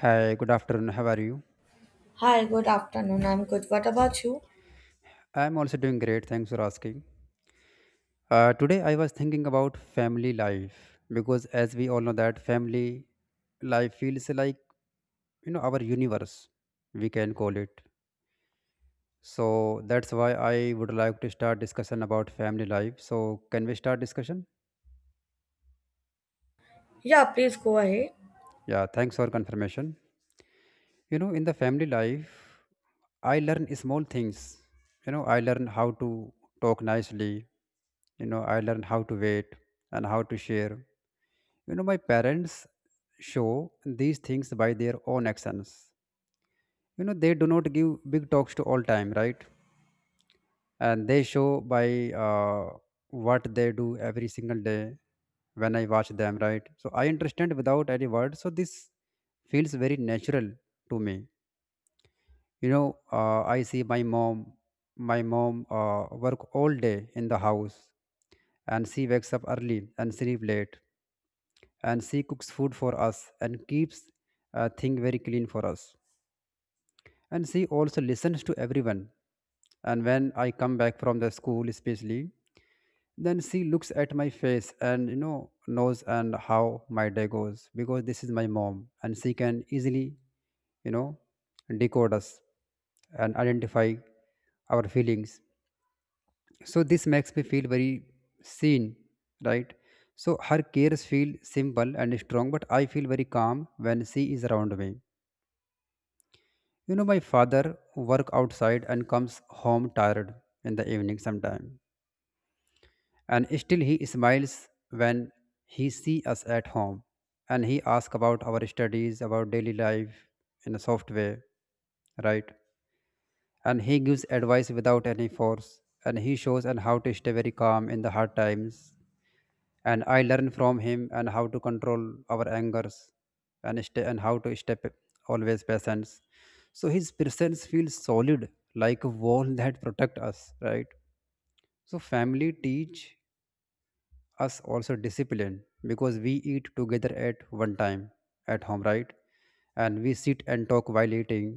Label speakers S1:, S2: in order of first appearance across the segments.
S1: Hi, good afternoon. How are you?
S2: Hi, good afternoon. I'm good. What about you?
S1: I'm also doing great. Thanks for asking. Today I was thinking about family life because, as we all know, that family life feels like our universe. We can call it. So that's why I would like to start discussion about family life. So can we start discussion?
S2: Yeah, please go ahead.
S1: Yeah. Thanks for confirmation. In the family life, I learn small things. I learn how to talk nicely. I learn how to wait and how to share. My parents show these things by their own actions. They do not give big talks to all time, right? And they show by uh, what they do every single day. When I watch them, right, so I understand without any words, so this feels very natural to me. I see my mom. My mom work all day in the house, and she wakes up early and sleep late, and she cooks food for us and keeps thing very clean for us. And she also listens to everyone, and when I come back from the school especially, then she looks at my face and knows and how my day goes, because this is my mom and she can easily you know decode us and identify our feelings. So this makes me feel very seen, right? So her cares feel simple and strong, but I feel very calm when she is around me. You know, my father work outside and comes home tired in the evening sometime, and still he smiles when he see us at home, and he asks about our studies, about daily life, in a soft way, right? And he gives advice without any force, and he shows and how to stay very calm in the hard times, and I learn from him and how to control our angers and stay and how to step always patience. So his presence feels solid, like a wall that protect us, right? So family teach us also discipline, because we eat together at one time at home, right? And we sit and talk while eating,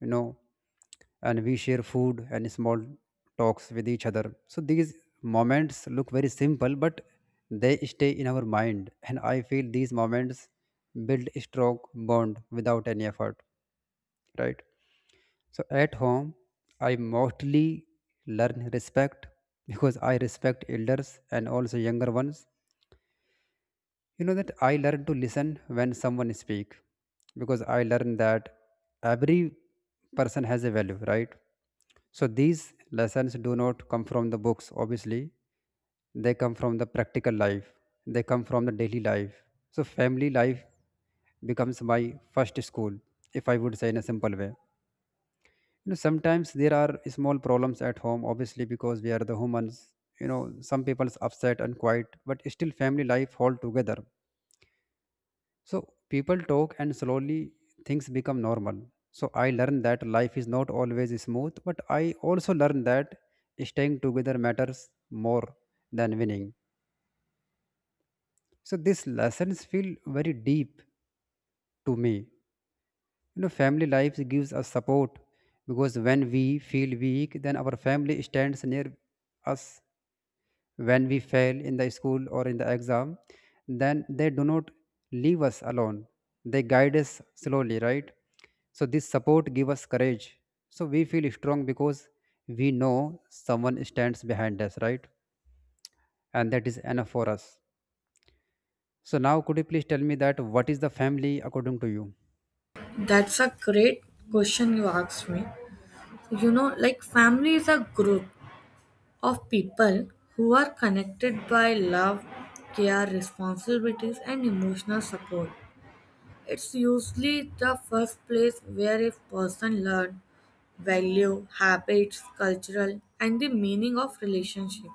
S1: you know and we share food and small talks with each other. So these moments look very simple, but they stay in our mind, and I feel these moments build a strong bond without any effort, right? So at home, I mostly learn respect, because I respect elders and also younger ones. That I learn to listen when someone speak, because I learn that every person has a value, right? So these lessons do not come from the books, obviously. They come from the practical life. They come from the daily life. So family life becomes my first school, if I would say in a simple way. You know, sometimes there are small problems at home, obviously, because we are the humans. You know, some people's upset and quiet, but still family life hold together, so people talk and slowly things become normal. So I learned that life is not always smooth, but I also learned that staying together matters more than winning. So these lessons feel very deep to me. You know, family life gives us support, because when we feel weak, then our family stands near us. When we fail in the school or in the exam, then they do not leave us alone. They guide us slowly, right? So this support give us courage, so we feel strong because we know someone stands behind us, right? And that is enough for us. So now could you please tell me that what is the family according to you?
S2: That's a great question you asked me. You know, like family is a group of people who are connected by love, care, responsibilities, and emotional support. It's usually the first place where a person learns value, habits, cultural, and the meaning of relationship.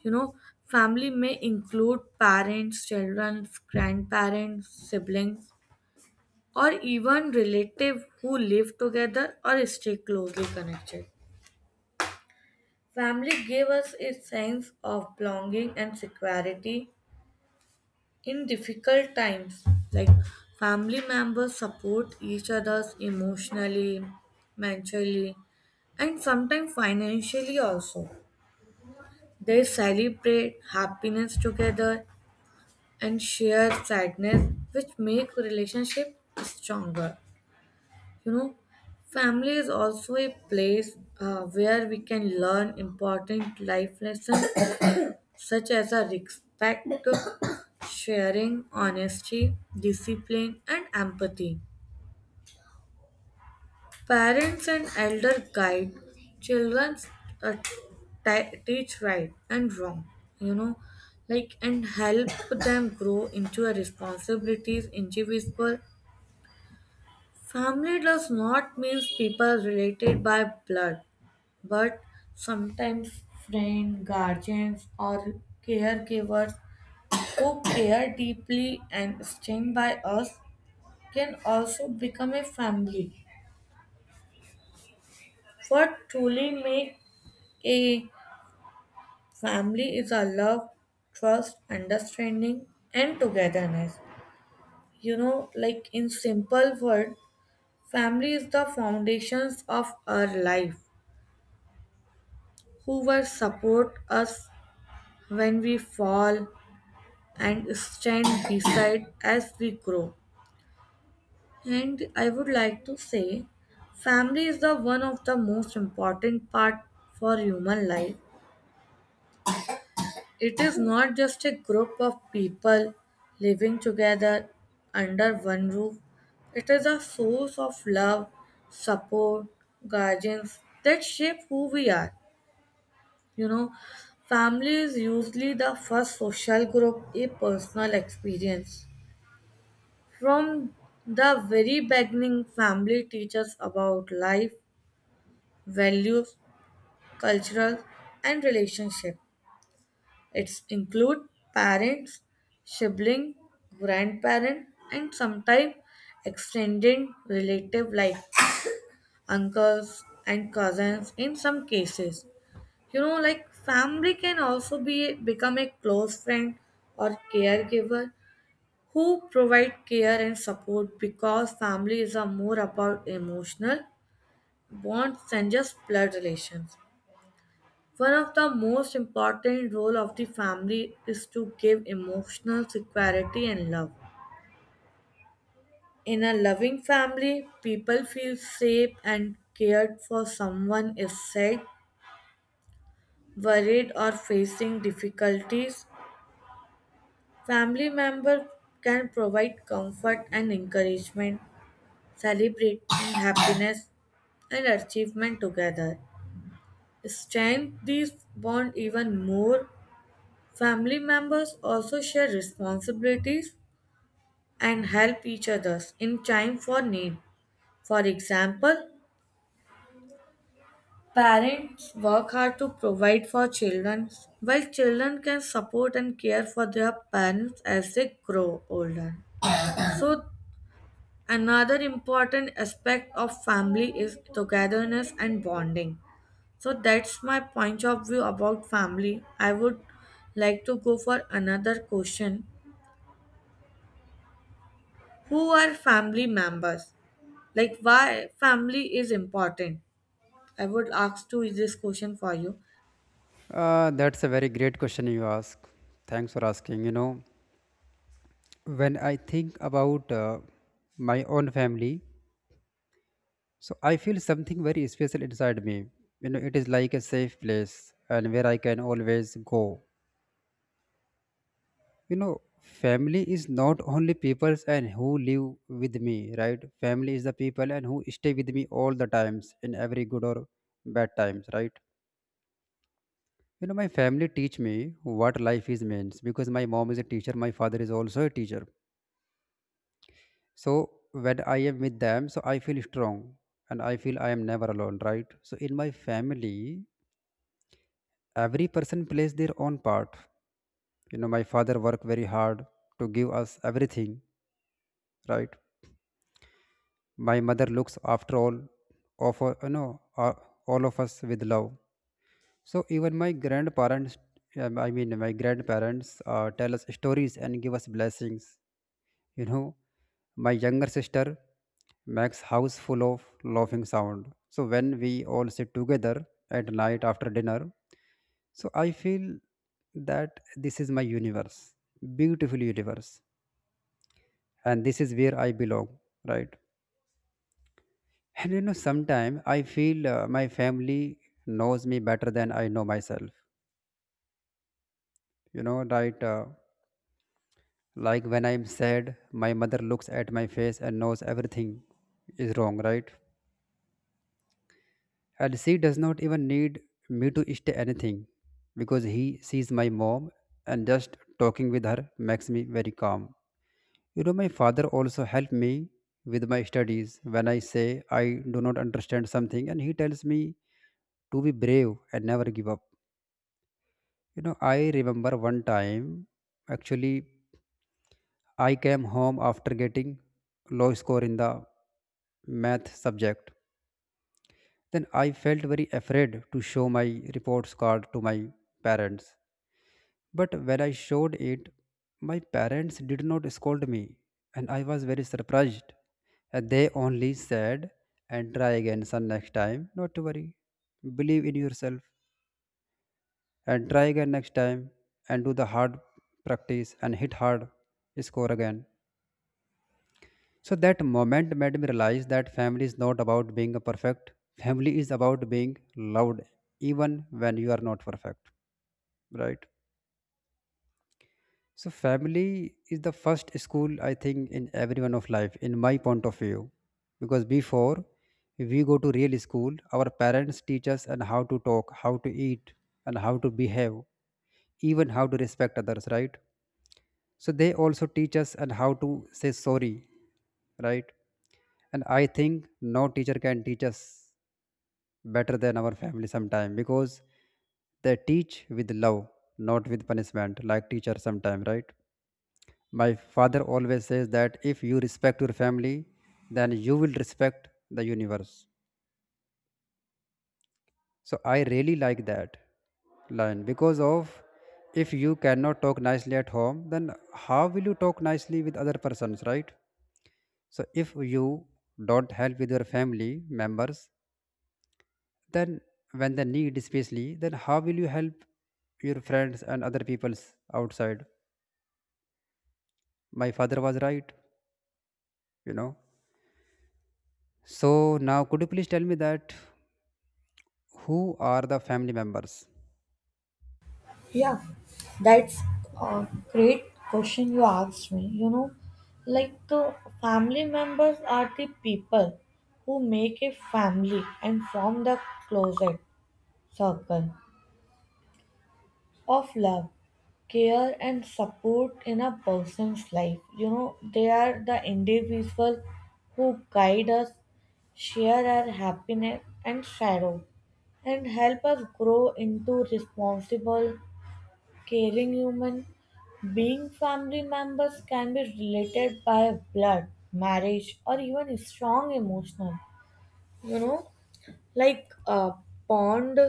S2: You know, family may include parents, children, grandparents, siblings, or even relatives who live together or stay closely connected. Family gave us a sense of belonging and security in difficult times. Like family members support each other emotionally, mentally, and sometimes financially also. They celebrate happiness together and shared sadness which make relationship stronger. You know, family is also a place where we can learn important life lessons such as a respect, sharing, honesty, discipline, and empathy. Parents and elder guide children, uh, teach right and wrong, you know, like and help them grow into a responsibilities individual. Family does not mean people related by blood, but sometimes friends, guardians, or caregivers who care deeply and stand by us can also become a family. What truly makes a family is a love, trust, understanding, and togetherness. You know, like in simple word, family is the foundations of our life who will support us when we fall and stand beside as we grow. And I would like to say, family is the one of the most important part for human life. It is not just a group of people living together under one roof. It is a source of love, support, guidance that shape who we are. You know, family is usually the first social group a personal experience. From the very beginning, family teaches about life, values, cultural, and relationship. It's include parents, sibling, grandparent, and sometimes extended relative like uncles and cousins in some cases. You know, like family can also be become a close friend or caregiver who provide care and support, because families are more about emotional bonds than just blood relations. One of the most important role of the family is to give emotional security and love. In a loving family, people feel safe and cared for someone is sad, worried, or facing difficulties. Family member can provide comfort and encouragement, celebrate happiness and achievement together. Strengthen these bond even more. Family members also share responsibilities and help each other in time for need. For example, parents work hard to provide for children, while children can support and care for their parents as they grow older. So another important aspect of family is togetherness and bonding. So that's my point of view about family. I would like to go for another question. Who are family members? Like why family is important? I would ask to this question for you.
S1: That's a very great question you ask. Thanks for asking. You know, when I think about my own family, so I feel something very special inside me. You know, it is like a safe place and where I can always go. You know, family is not only people and who live with me, right? Family is the people and who stay with me all the times in every good or bad times, right? You know, my family teach me what life is means, because my mom is a teacher, my father is also a teacher. So when I am with them, so I feel strong, and I feel I am never alone, right? So in my family, every person plays their own part. My father worked very hard to give us everything, right? My mother looks after of uh, you know uh, all of us with love. So even my grandparents tell us stories and give us blessings. you know my younger sister makes house full of laughing sound. So when we all sit together at night after dinner, so I feel that this is my universe, beautiful universe, and this is where I belong, right? And you know, sometimes I feel my family knows me better than I know myself. You know, right? Like when I'm sad, my mother looks at my face and knows everything is wrong, right? And she does not even need me to state anything, because he sees my mom, and just talking with her makes me very calm. You know, my father also helped me with my studies when I say I do not understand something, and he tells me to be brave and never give up. You know, I remember one time, actually, I came home after getting low score in the math subject. Then I felt very afraid to show my reports card to my parents. But when I showed it, my parents did not scold me, and I was very surprised. And they only said, and try again, son, next time. Not to worry. Believe in yourself, and try again next time, and do the hard practice, and hit hard, score again. So that moment made me realize that family is not about being perfect. Family is about being loved, even when you are not perfect, right? So family is the first school, I think, in everyone of life, in my point of view, because before we go to real school, our parents teach us and how to talk, how to eat, and how to behave, even how to respect others, right? So they also teach us and how to say sorry, right? And I think no teacher can teach us better than our family sometime, because they teach with love, not with punishment like teacher sometime, right? My father always says that if you respect your family, then you will respect the universe. So I really like that line, because of if you cannot talk nicely at home, then how will you talk nicely with other persons, right? So if you don't help with your family members, then when they need especially, then how will you help your friends and other peoples outside? My father was right, you know. So now could you please tell me that who are the family members?
S2: Yeah, that's a great question you asked me. You know, like family members are the people who make a family and form the closet circle of love, care, and support in a person's life. You know, they are the individual who guide us, share our happiness and sorrow, and help us grow into responsible caring human being. Family members can be related by blood marriage or even strong emotional, you know, like a bond.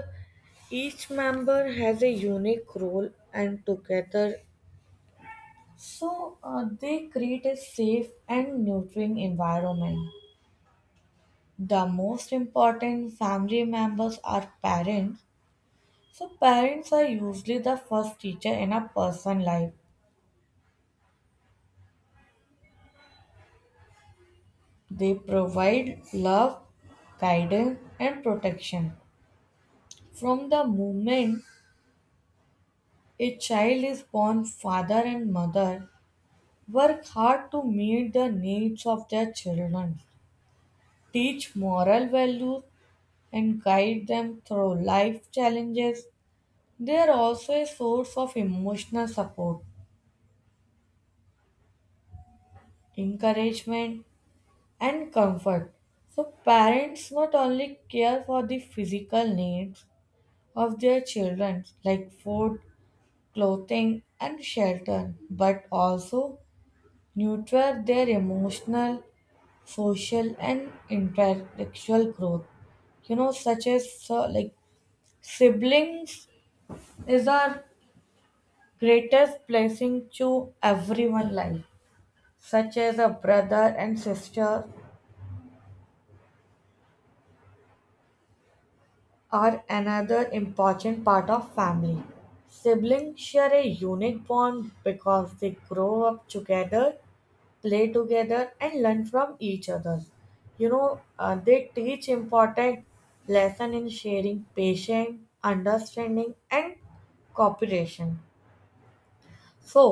S2: Each member has a unique role and together, they create a safe and nurturing environment. The most important family members are parents. So parents are usually the first teacher in a person's life. They provide love, guidance, and protection. From the moment a child is born, father and mother work hard to meet the needs of their children, teach moral values, and guide them through life challenges. They are also a source of emotional support, encouragement, and comfort. So, parents not only care for the physical needs of their children, like food, clothing, and shelter, but also nurture their emotional, social, and intellectual growth. You know, such as so, like siblings is our greatest blessing to everyone life, such as a brother and sister are another important part of family. Siblings share a unique bond because they grow up together, play together, and learn from each other. You know, they teach important lesson in sharing, patience, understanding, and cooperation. So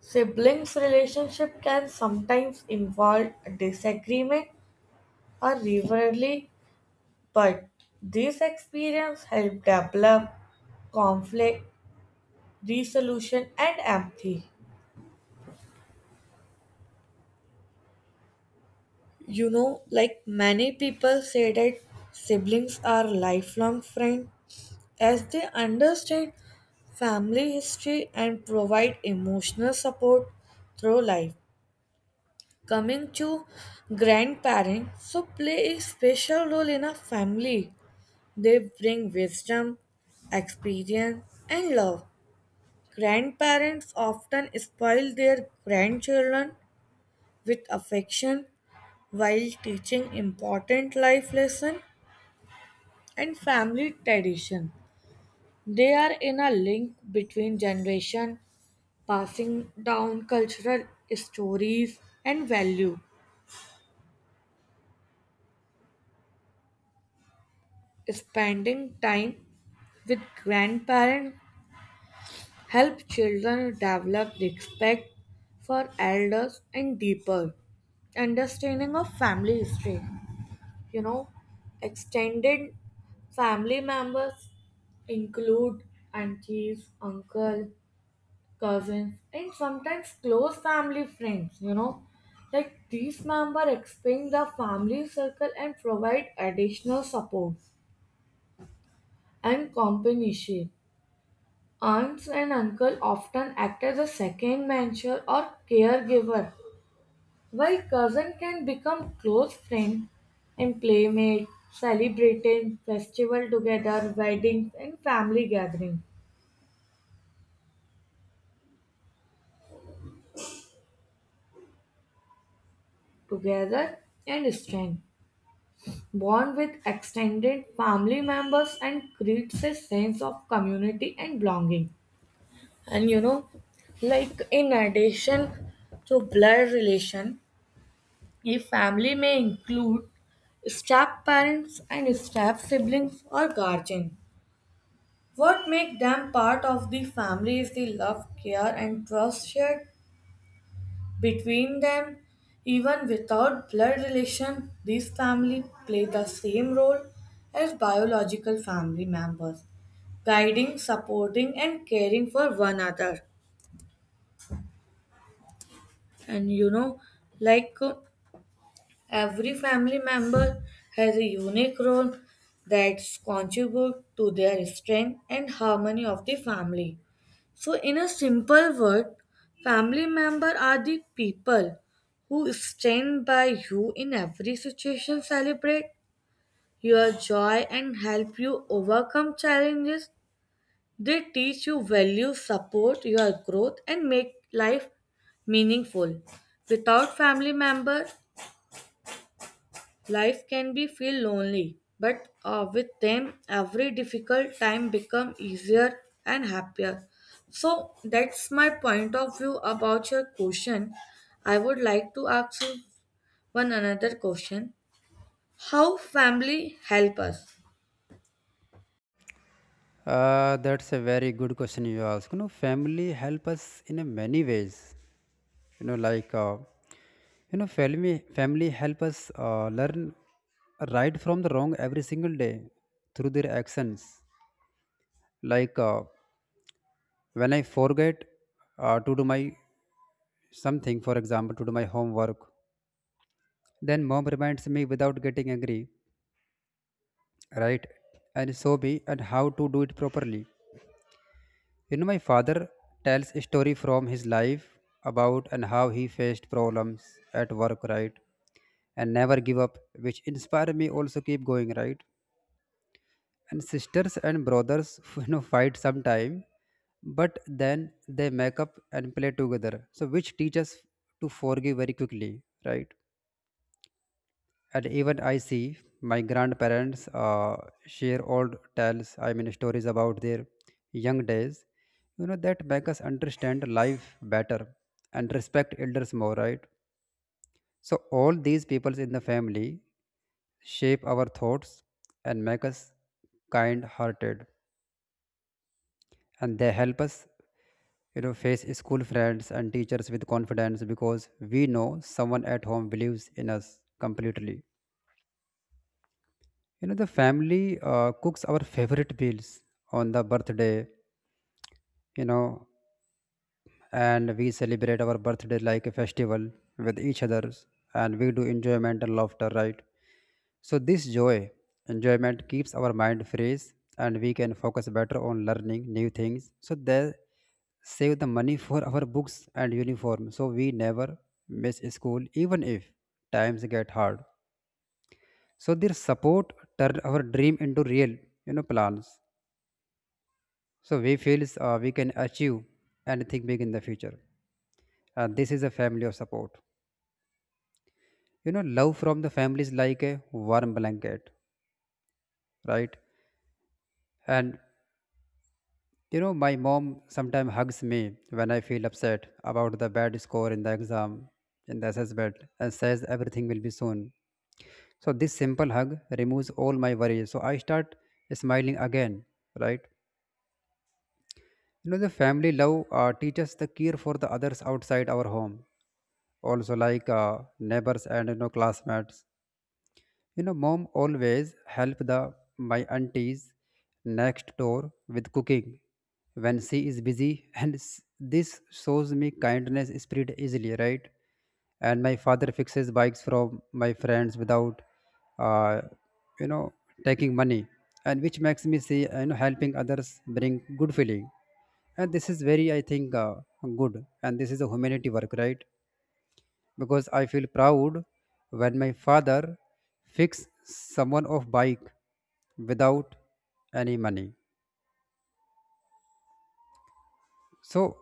S2: siblings relationship can sometimes involve disagreement or rivalry, but this experience help develop conflict resolution and empathy. You know, like many people say that siblings are lifelong friends, as they understand family history and provide emotional support through life. Coming to grandparents, so play a special role in a family. They bring wisdom, experience, and love. Grandparents often spoil their grandchildren with affection while teaching important life lessons and family tradition. They are in a link between generation, passing down cultural stories and value. Spending time with grandparents help children develop respect for elders and deeper understanding of family history. You know, extended family members include aunties, uncle, cousins, and sometimes close family friends, you know. Like these members expand the family circle and provide additional support and companionship. Aunts and uncle often act as a second mentor or caregiver, while cousin can become close friend and playmate, celebrating festival together, weddings and family gathering together and strength. Bond with extended family members and creates a sense of community and belonging. And you know, like in addition to blood relation, a family may include step parents and step siblings or guardian. What makes them part of the family is the love, care, and trust shared between them. Even without blood relation, these families play the same role as biological family members, guiding, supporting, and caring for one another. And you know, like every family member has a unique role that contributes to their strength and harmony of the family. So, in a simple word, family members are the people who stand by you in every situation, celebrate your joy, and help you overcome challenges. They teach you value, support your growth, and make life meaningful. Without family members. Life can be feel lonely, but with them, every difficult time become easier and happier. So that's my point of view about your question. I would like to ask you one another question: how family help us?
S1: That's a very good question you ask. You know, family help us in a many ways. You know, like uh, you know, family family help us learn right from the wrong every single day through their actions. Like, when I forget to do my something, for example, to do my homework, then mom reminds me without getting angry, right? And so be and how to do it properly. You know, my father tells a story from his life about and how he faced problems at work, right? And never give up, which inspire me also keep going, right? And sisters and brothers, fight sometime, but then they make up and play together. So which teaches to forgive very quickly, right? And even I see my grandparents uh, share old tales I mean stories about their young days. That make us understand life better, and respect elders more, right? So all these peoples in the family shape our thoughts and make us kind hearted, and they help us face school, friends, and teachers with confidence, because we know someone at home believes in us completely. You know, the family cooks our favorite meals on the birthday, you know, and we celebrate our birthday like a festival with each others, and we do enjoyment and laughter, right? So this joy, enjoyment keeps our mind fresh, and we can focus better on learning new things. So they save the money for our books and uniform, so we never miss school, even if times get hard. So their support turned our dream into real, plans. So we feels we can achieve anything big in the future. And this is a family of support. You know, love from the family is like a warm blanket, right? And you know, my mom sometimes hugs me when I feel upset about the bad score in the exam, in the assessment, and says everything will be soon. So this simple hug removes all my worries. So I start smiling again, right? You know, the family love teaches the care for the others outside our home also like neighbors and you know classmates. You know, mom always help the my aunties next door with cooking when she is busy and this shows me kindness spirit easily, right? And my father fixes bikes from my friends without uh, you know taking money, and which makes me see, you know, helping others bring good feeling. And this is very, I think, good, and this is a humanity work, right? Because I feel proud when my father fix someone of bike without any money. So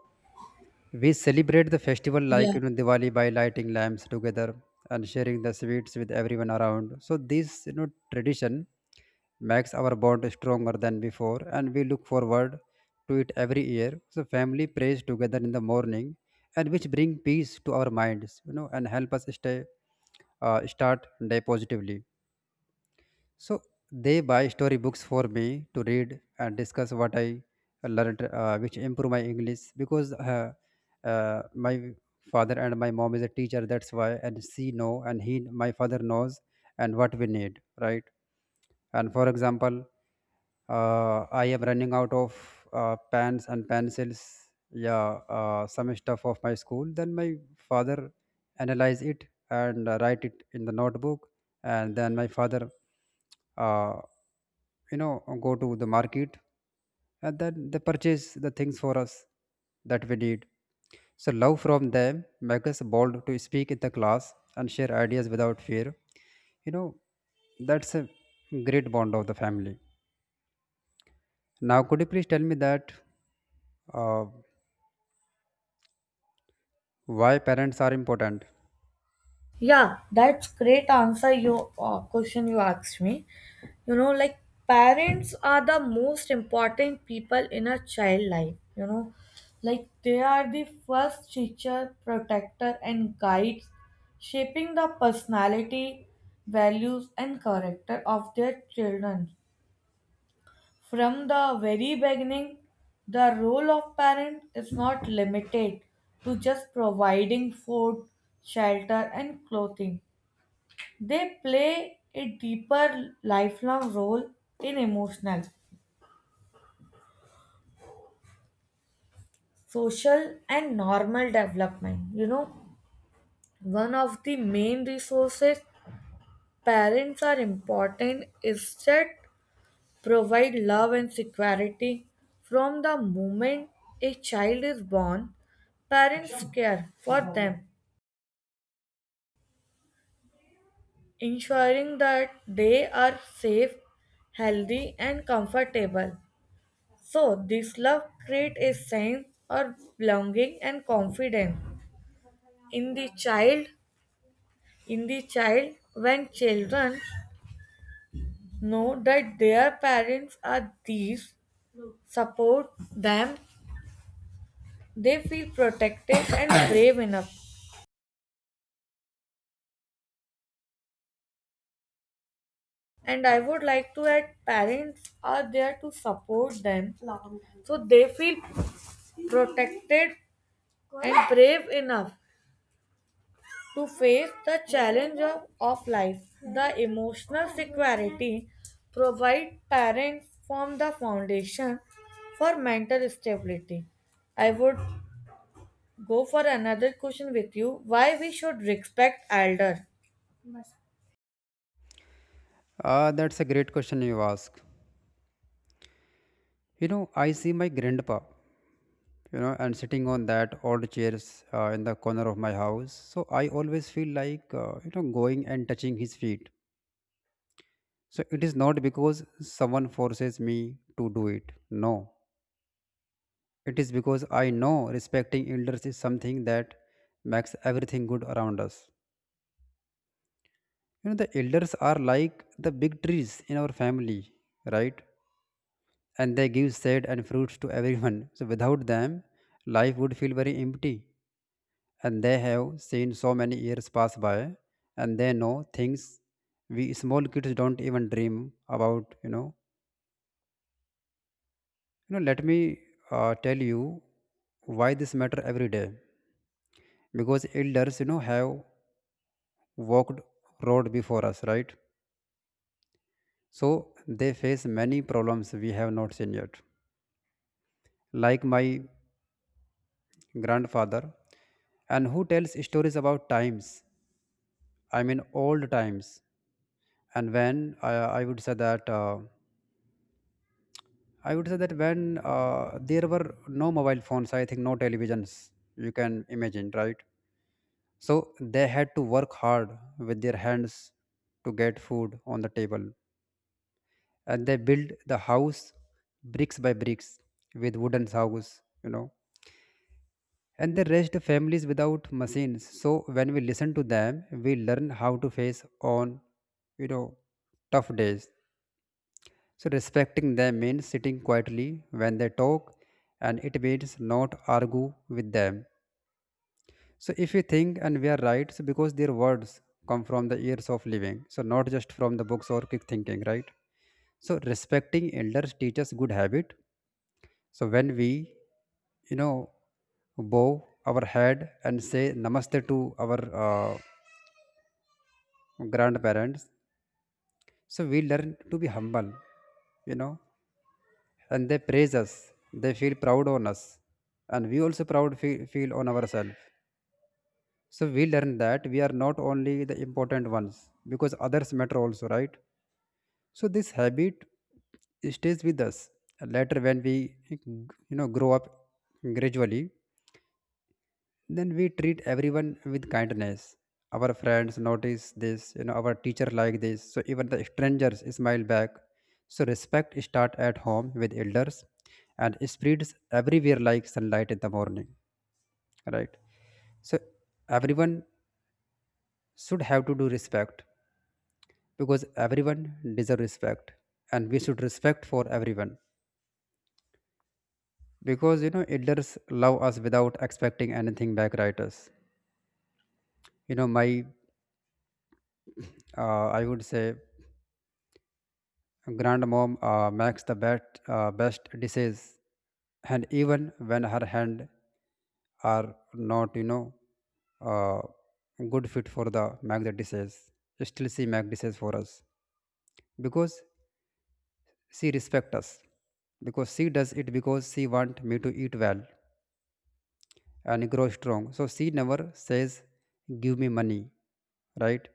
S1: we celebrate the festival
S2: Yeah.
S1: like, you know, Diwali by lighting lamps together and sharing the sweets with everyone around. So this, you know, tradition makes our bond stronger than before and we look forward to it every year. So family prays together in the morning and which bring peace to our minds, you know, and help us stay, start day positively. So they buy story books for me to read and discuss what I learned, which improve my English because my father and my mom is a teacher. That's why, and she know, and he, my father knows, and what we need, right? And for example, I am running out of pens and pencils. Yeah, some stuff of my school. Then my father analyze it and write it in the notebook, and then my father, uh, you know, go to the market and then they purchase the things for us that we need. So love from them make us bold to speak in the class and share ideas without fear, you know. That's a great bond of the family. Now, could you please tell me that, uh, why parents are important?
S2: Yeah, that's great answer you question you asked me. You know, like parents are the most important people in a child life, you know. Like they are the first teacher, protector and guides, shaping the personality, values and character of their children. From the very beginning, the role of parent is not limited to just providing food, shelter and clothing. They play a deeper lifelong role in emotional, social, and normal development. You know, one of the main resources parents are important is that provide love and security from the moment a child is born. Parents care for them, ensuring that they are safe, healthy, and comfortable. So, this love creates a sense of belonging and confidence in the child. In the child, when children know that their parents are these, support them, they feel protected and brave enough. And I would like to add, parents are there to support them, so they feel protected and brave enough to face the challenge of life. The emotional security provide parents form the foundation for mental stability. I would go for another question with you. Why we should respect elder?
S1: Ah, that's a great question you ask. You know, I see my grandpa, you know, and sitting on that old chairs in the corner of my house. So I always feel like, you know, going and touching his feet. So it is not because someone forces me to do it. No. It is because I know respecting elders is something that makes everything good around us. You know, the elders are like the big trees in our family, right? And they give shade and fruits to everyone. So without them, life would feel very empty. And they have seen so many years pass by, and they know things we small kids don't even dream about, you know. Let me tell you why this matter every day. Because elders, you know, have walked road before us, right? So they face many problems we have not seen yet, like my grandfather, and who tells stories about times, I mean old times, and when I would say that when there were no mobile phones, I think no televisions, you can imagine, right? So they had to work hard with their hands to get food on the table. And they built the house bricks by bricks with wooden house, you know. And they raised families without machines. So when we listen to them, we learn how to face on, you know, tough days. So respecting them means sitting quietly when they talk, and it means not argue with them. So if you think and we are right, so because their words come from the ears of living, so not just from the books or quick thinking, right? So respecting elders teaches good habit. So when we, you know, bow our head and say namaste to our grandparents, so we learn to be humble, you know. And they praise us, they feel proud on us, and we also proud feel on ourselves. So we learn that we are not only the important ones because others matter also, right? So this habit stays with us later when we, you know, grow up gradually. Then we treat everyone with kindness. Our friends notice this, you know, our teacher like this, so even the strangers smile back. So respect start at home with elders and spreads everywhere like sunlight in the morning, right? So everyone should have to do respect because everyone deserve respect, and we should respect for everyone because, you know, elders love us without expecting anything back, right? Us, you know, my I would say Grandmom makes the best dishes, and even when her hand are not, you know, uh, good fit for the make the dishes, still she make dishes for us because she respect us, because she does it because she want me to eat well and grow strong. So she never says, give me money, right?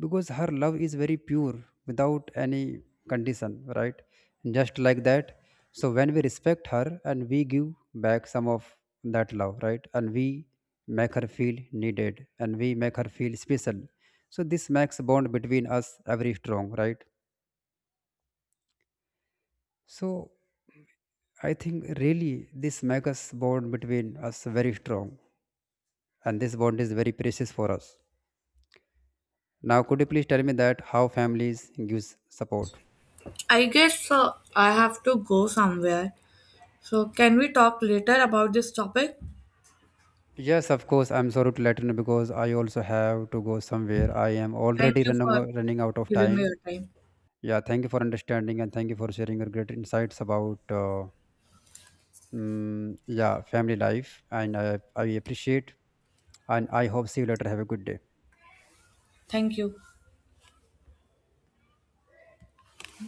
S1: Because her love is very pure without any condition, right? Just like that. So when we respect her and we give back some of that love, right? And we make her feel needed and we make her feel special. So this makes bond between us very strong, right? So I think really this makes us bond between us very strong, and this bond is very precious for us. Now, could you please tell me that how families gives support?
S2: I guess I have to go somewhere. So can we talk later about this topic?
S1: Yes, of course. I'm sorry to let you know because I also have to go somewhere. I am
S2: Thank
S1: already
S2: you
S1: running
S2: for
S1: running out of
S2: giving me
S1: time.
S2: your time.
S1: Yeah, thank you for understanding and thank you for sharing your great insights about, yeah, family life. And I appreciate and I hope see you later. Have a good day.
S2: Thank you.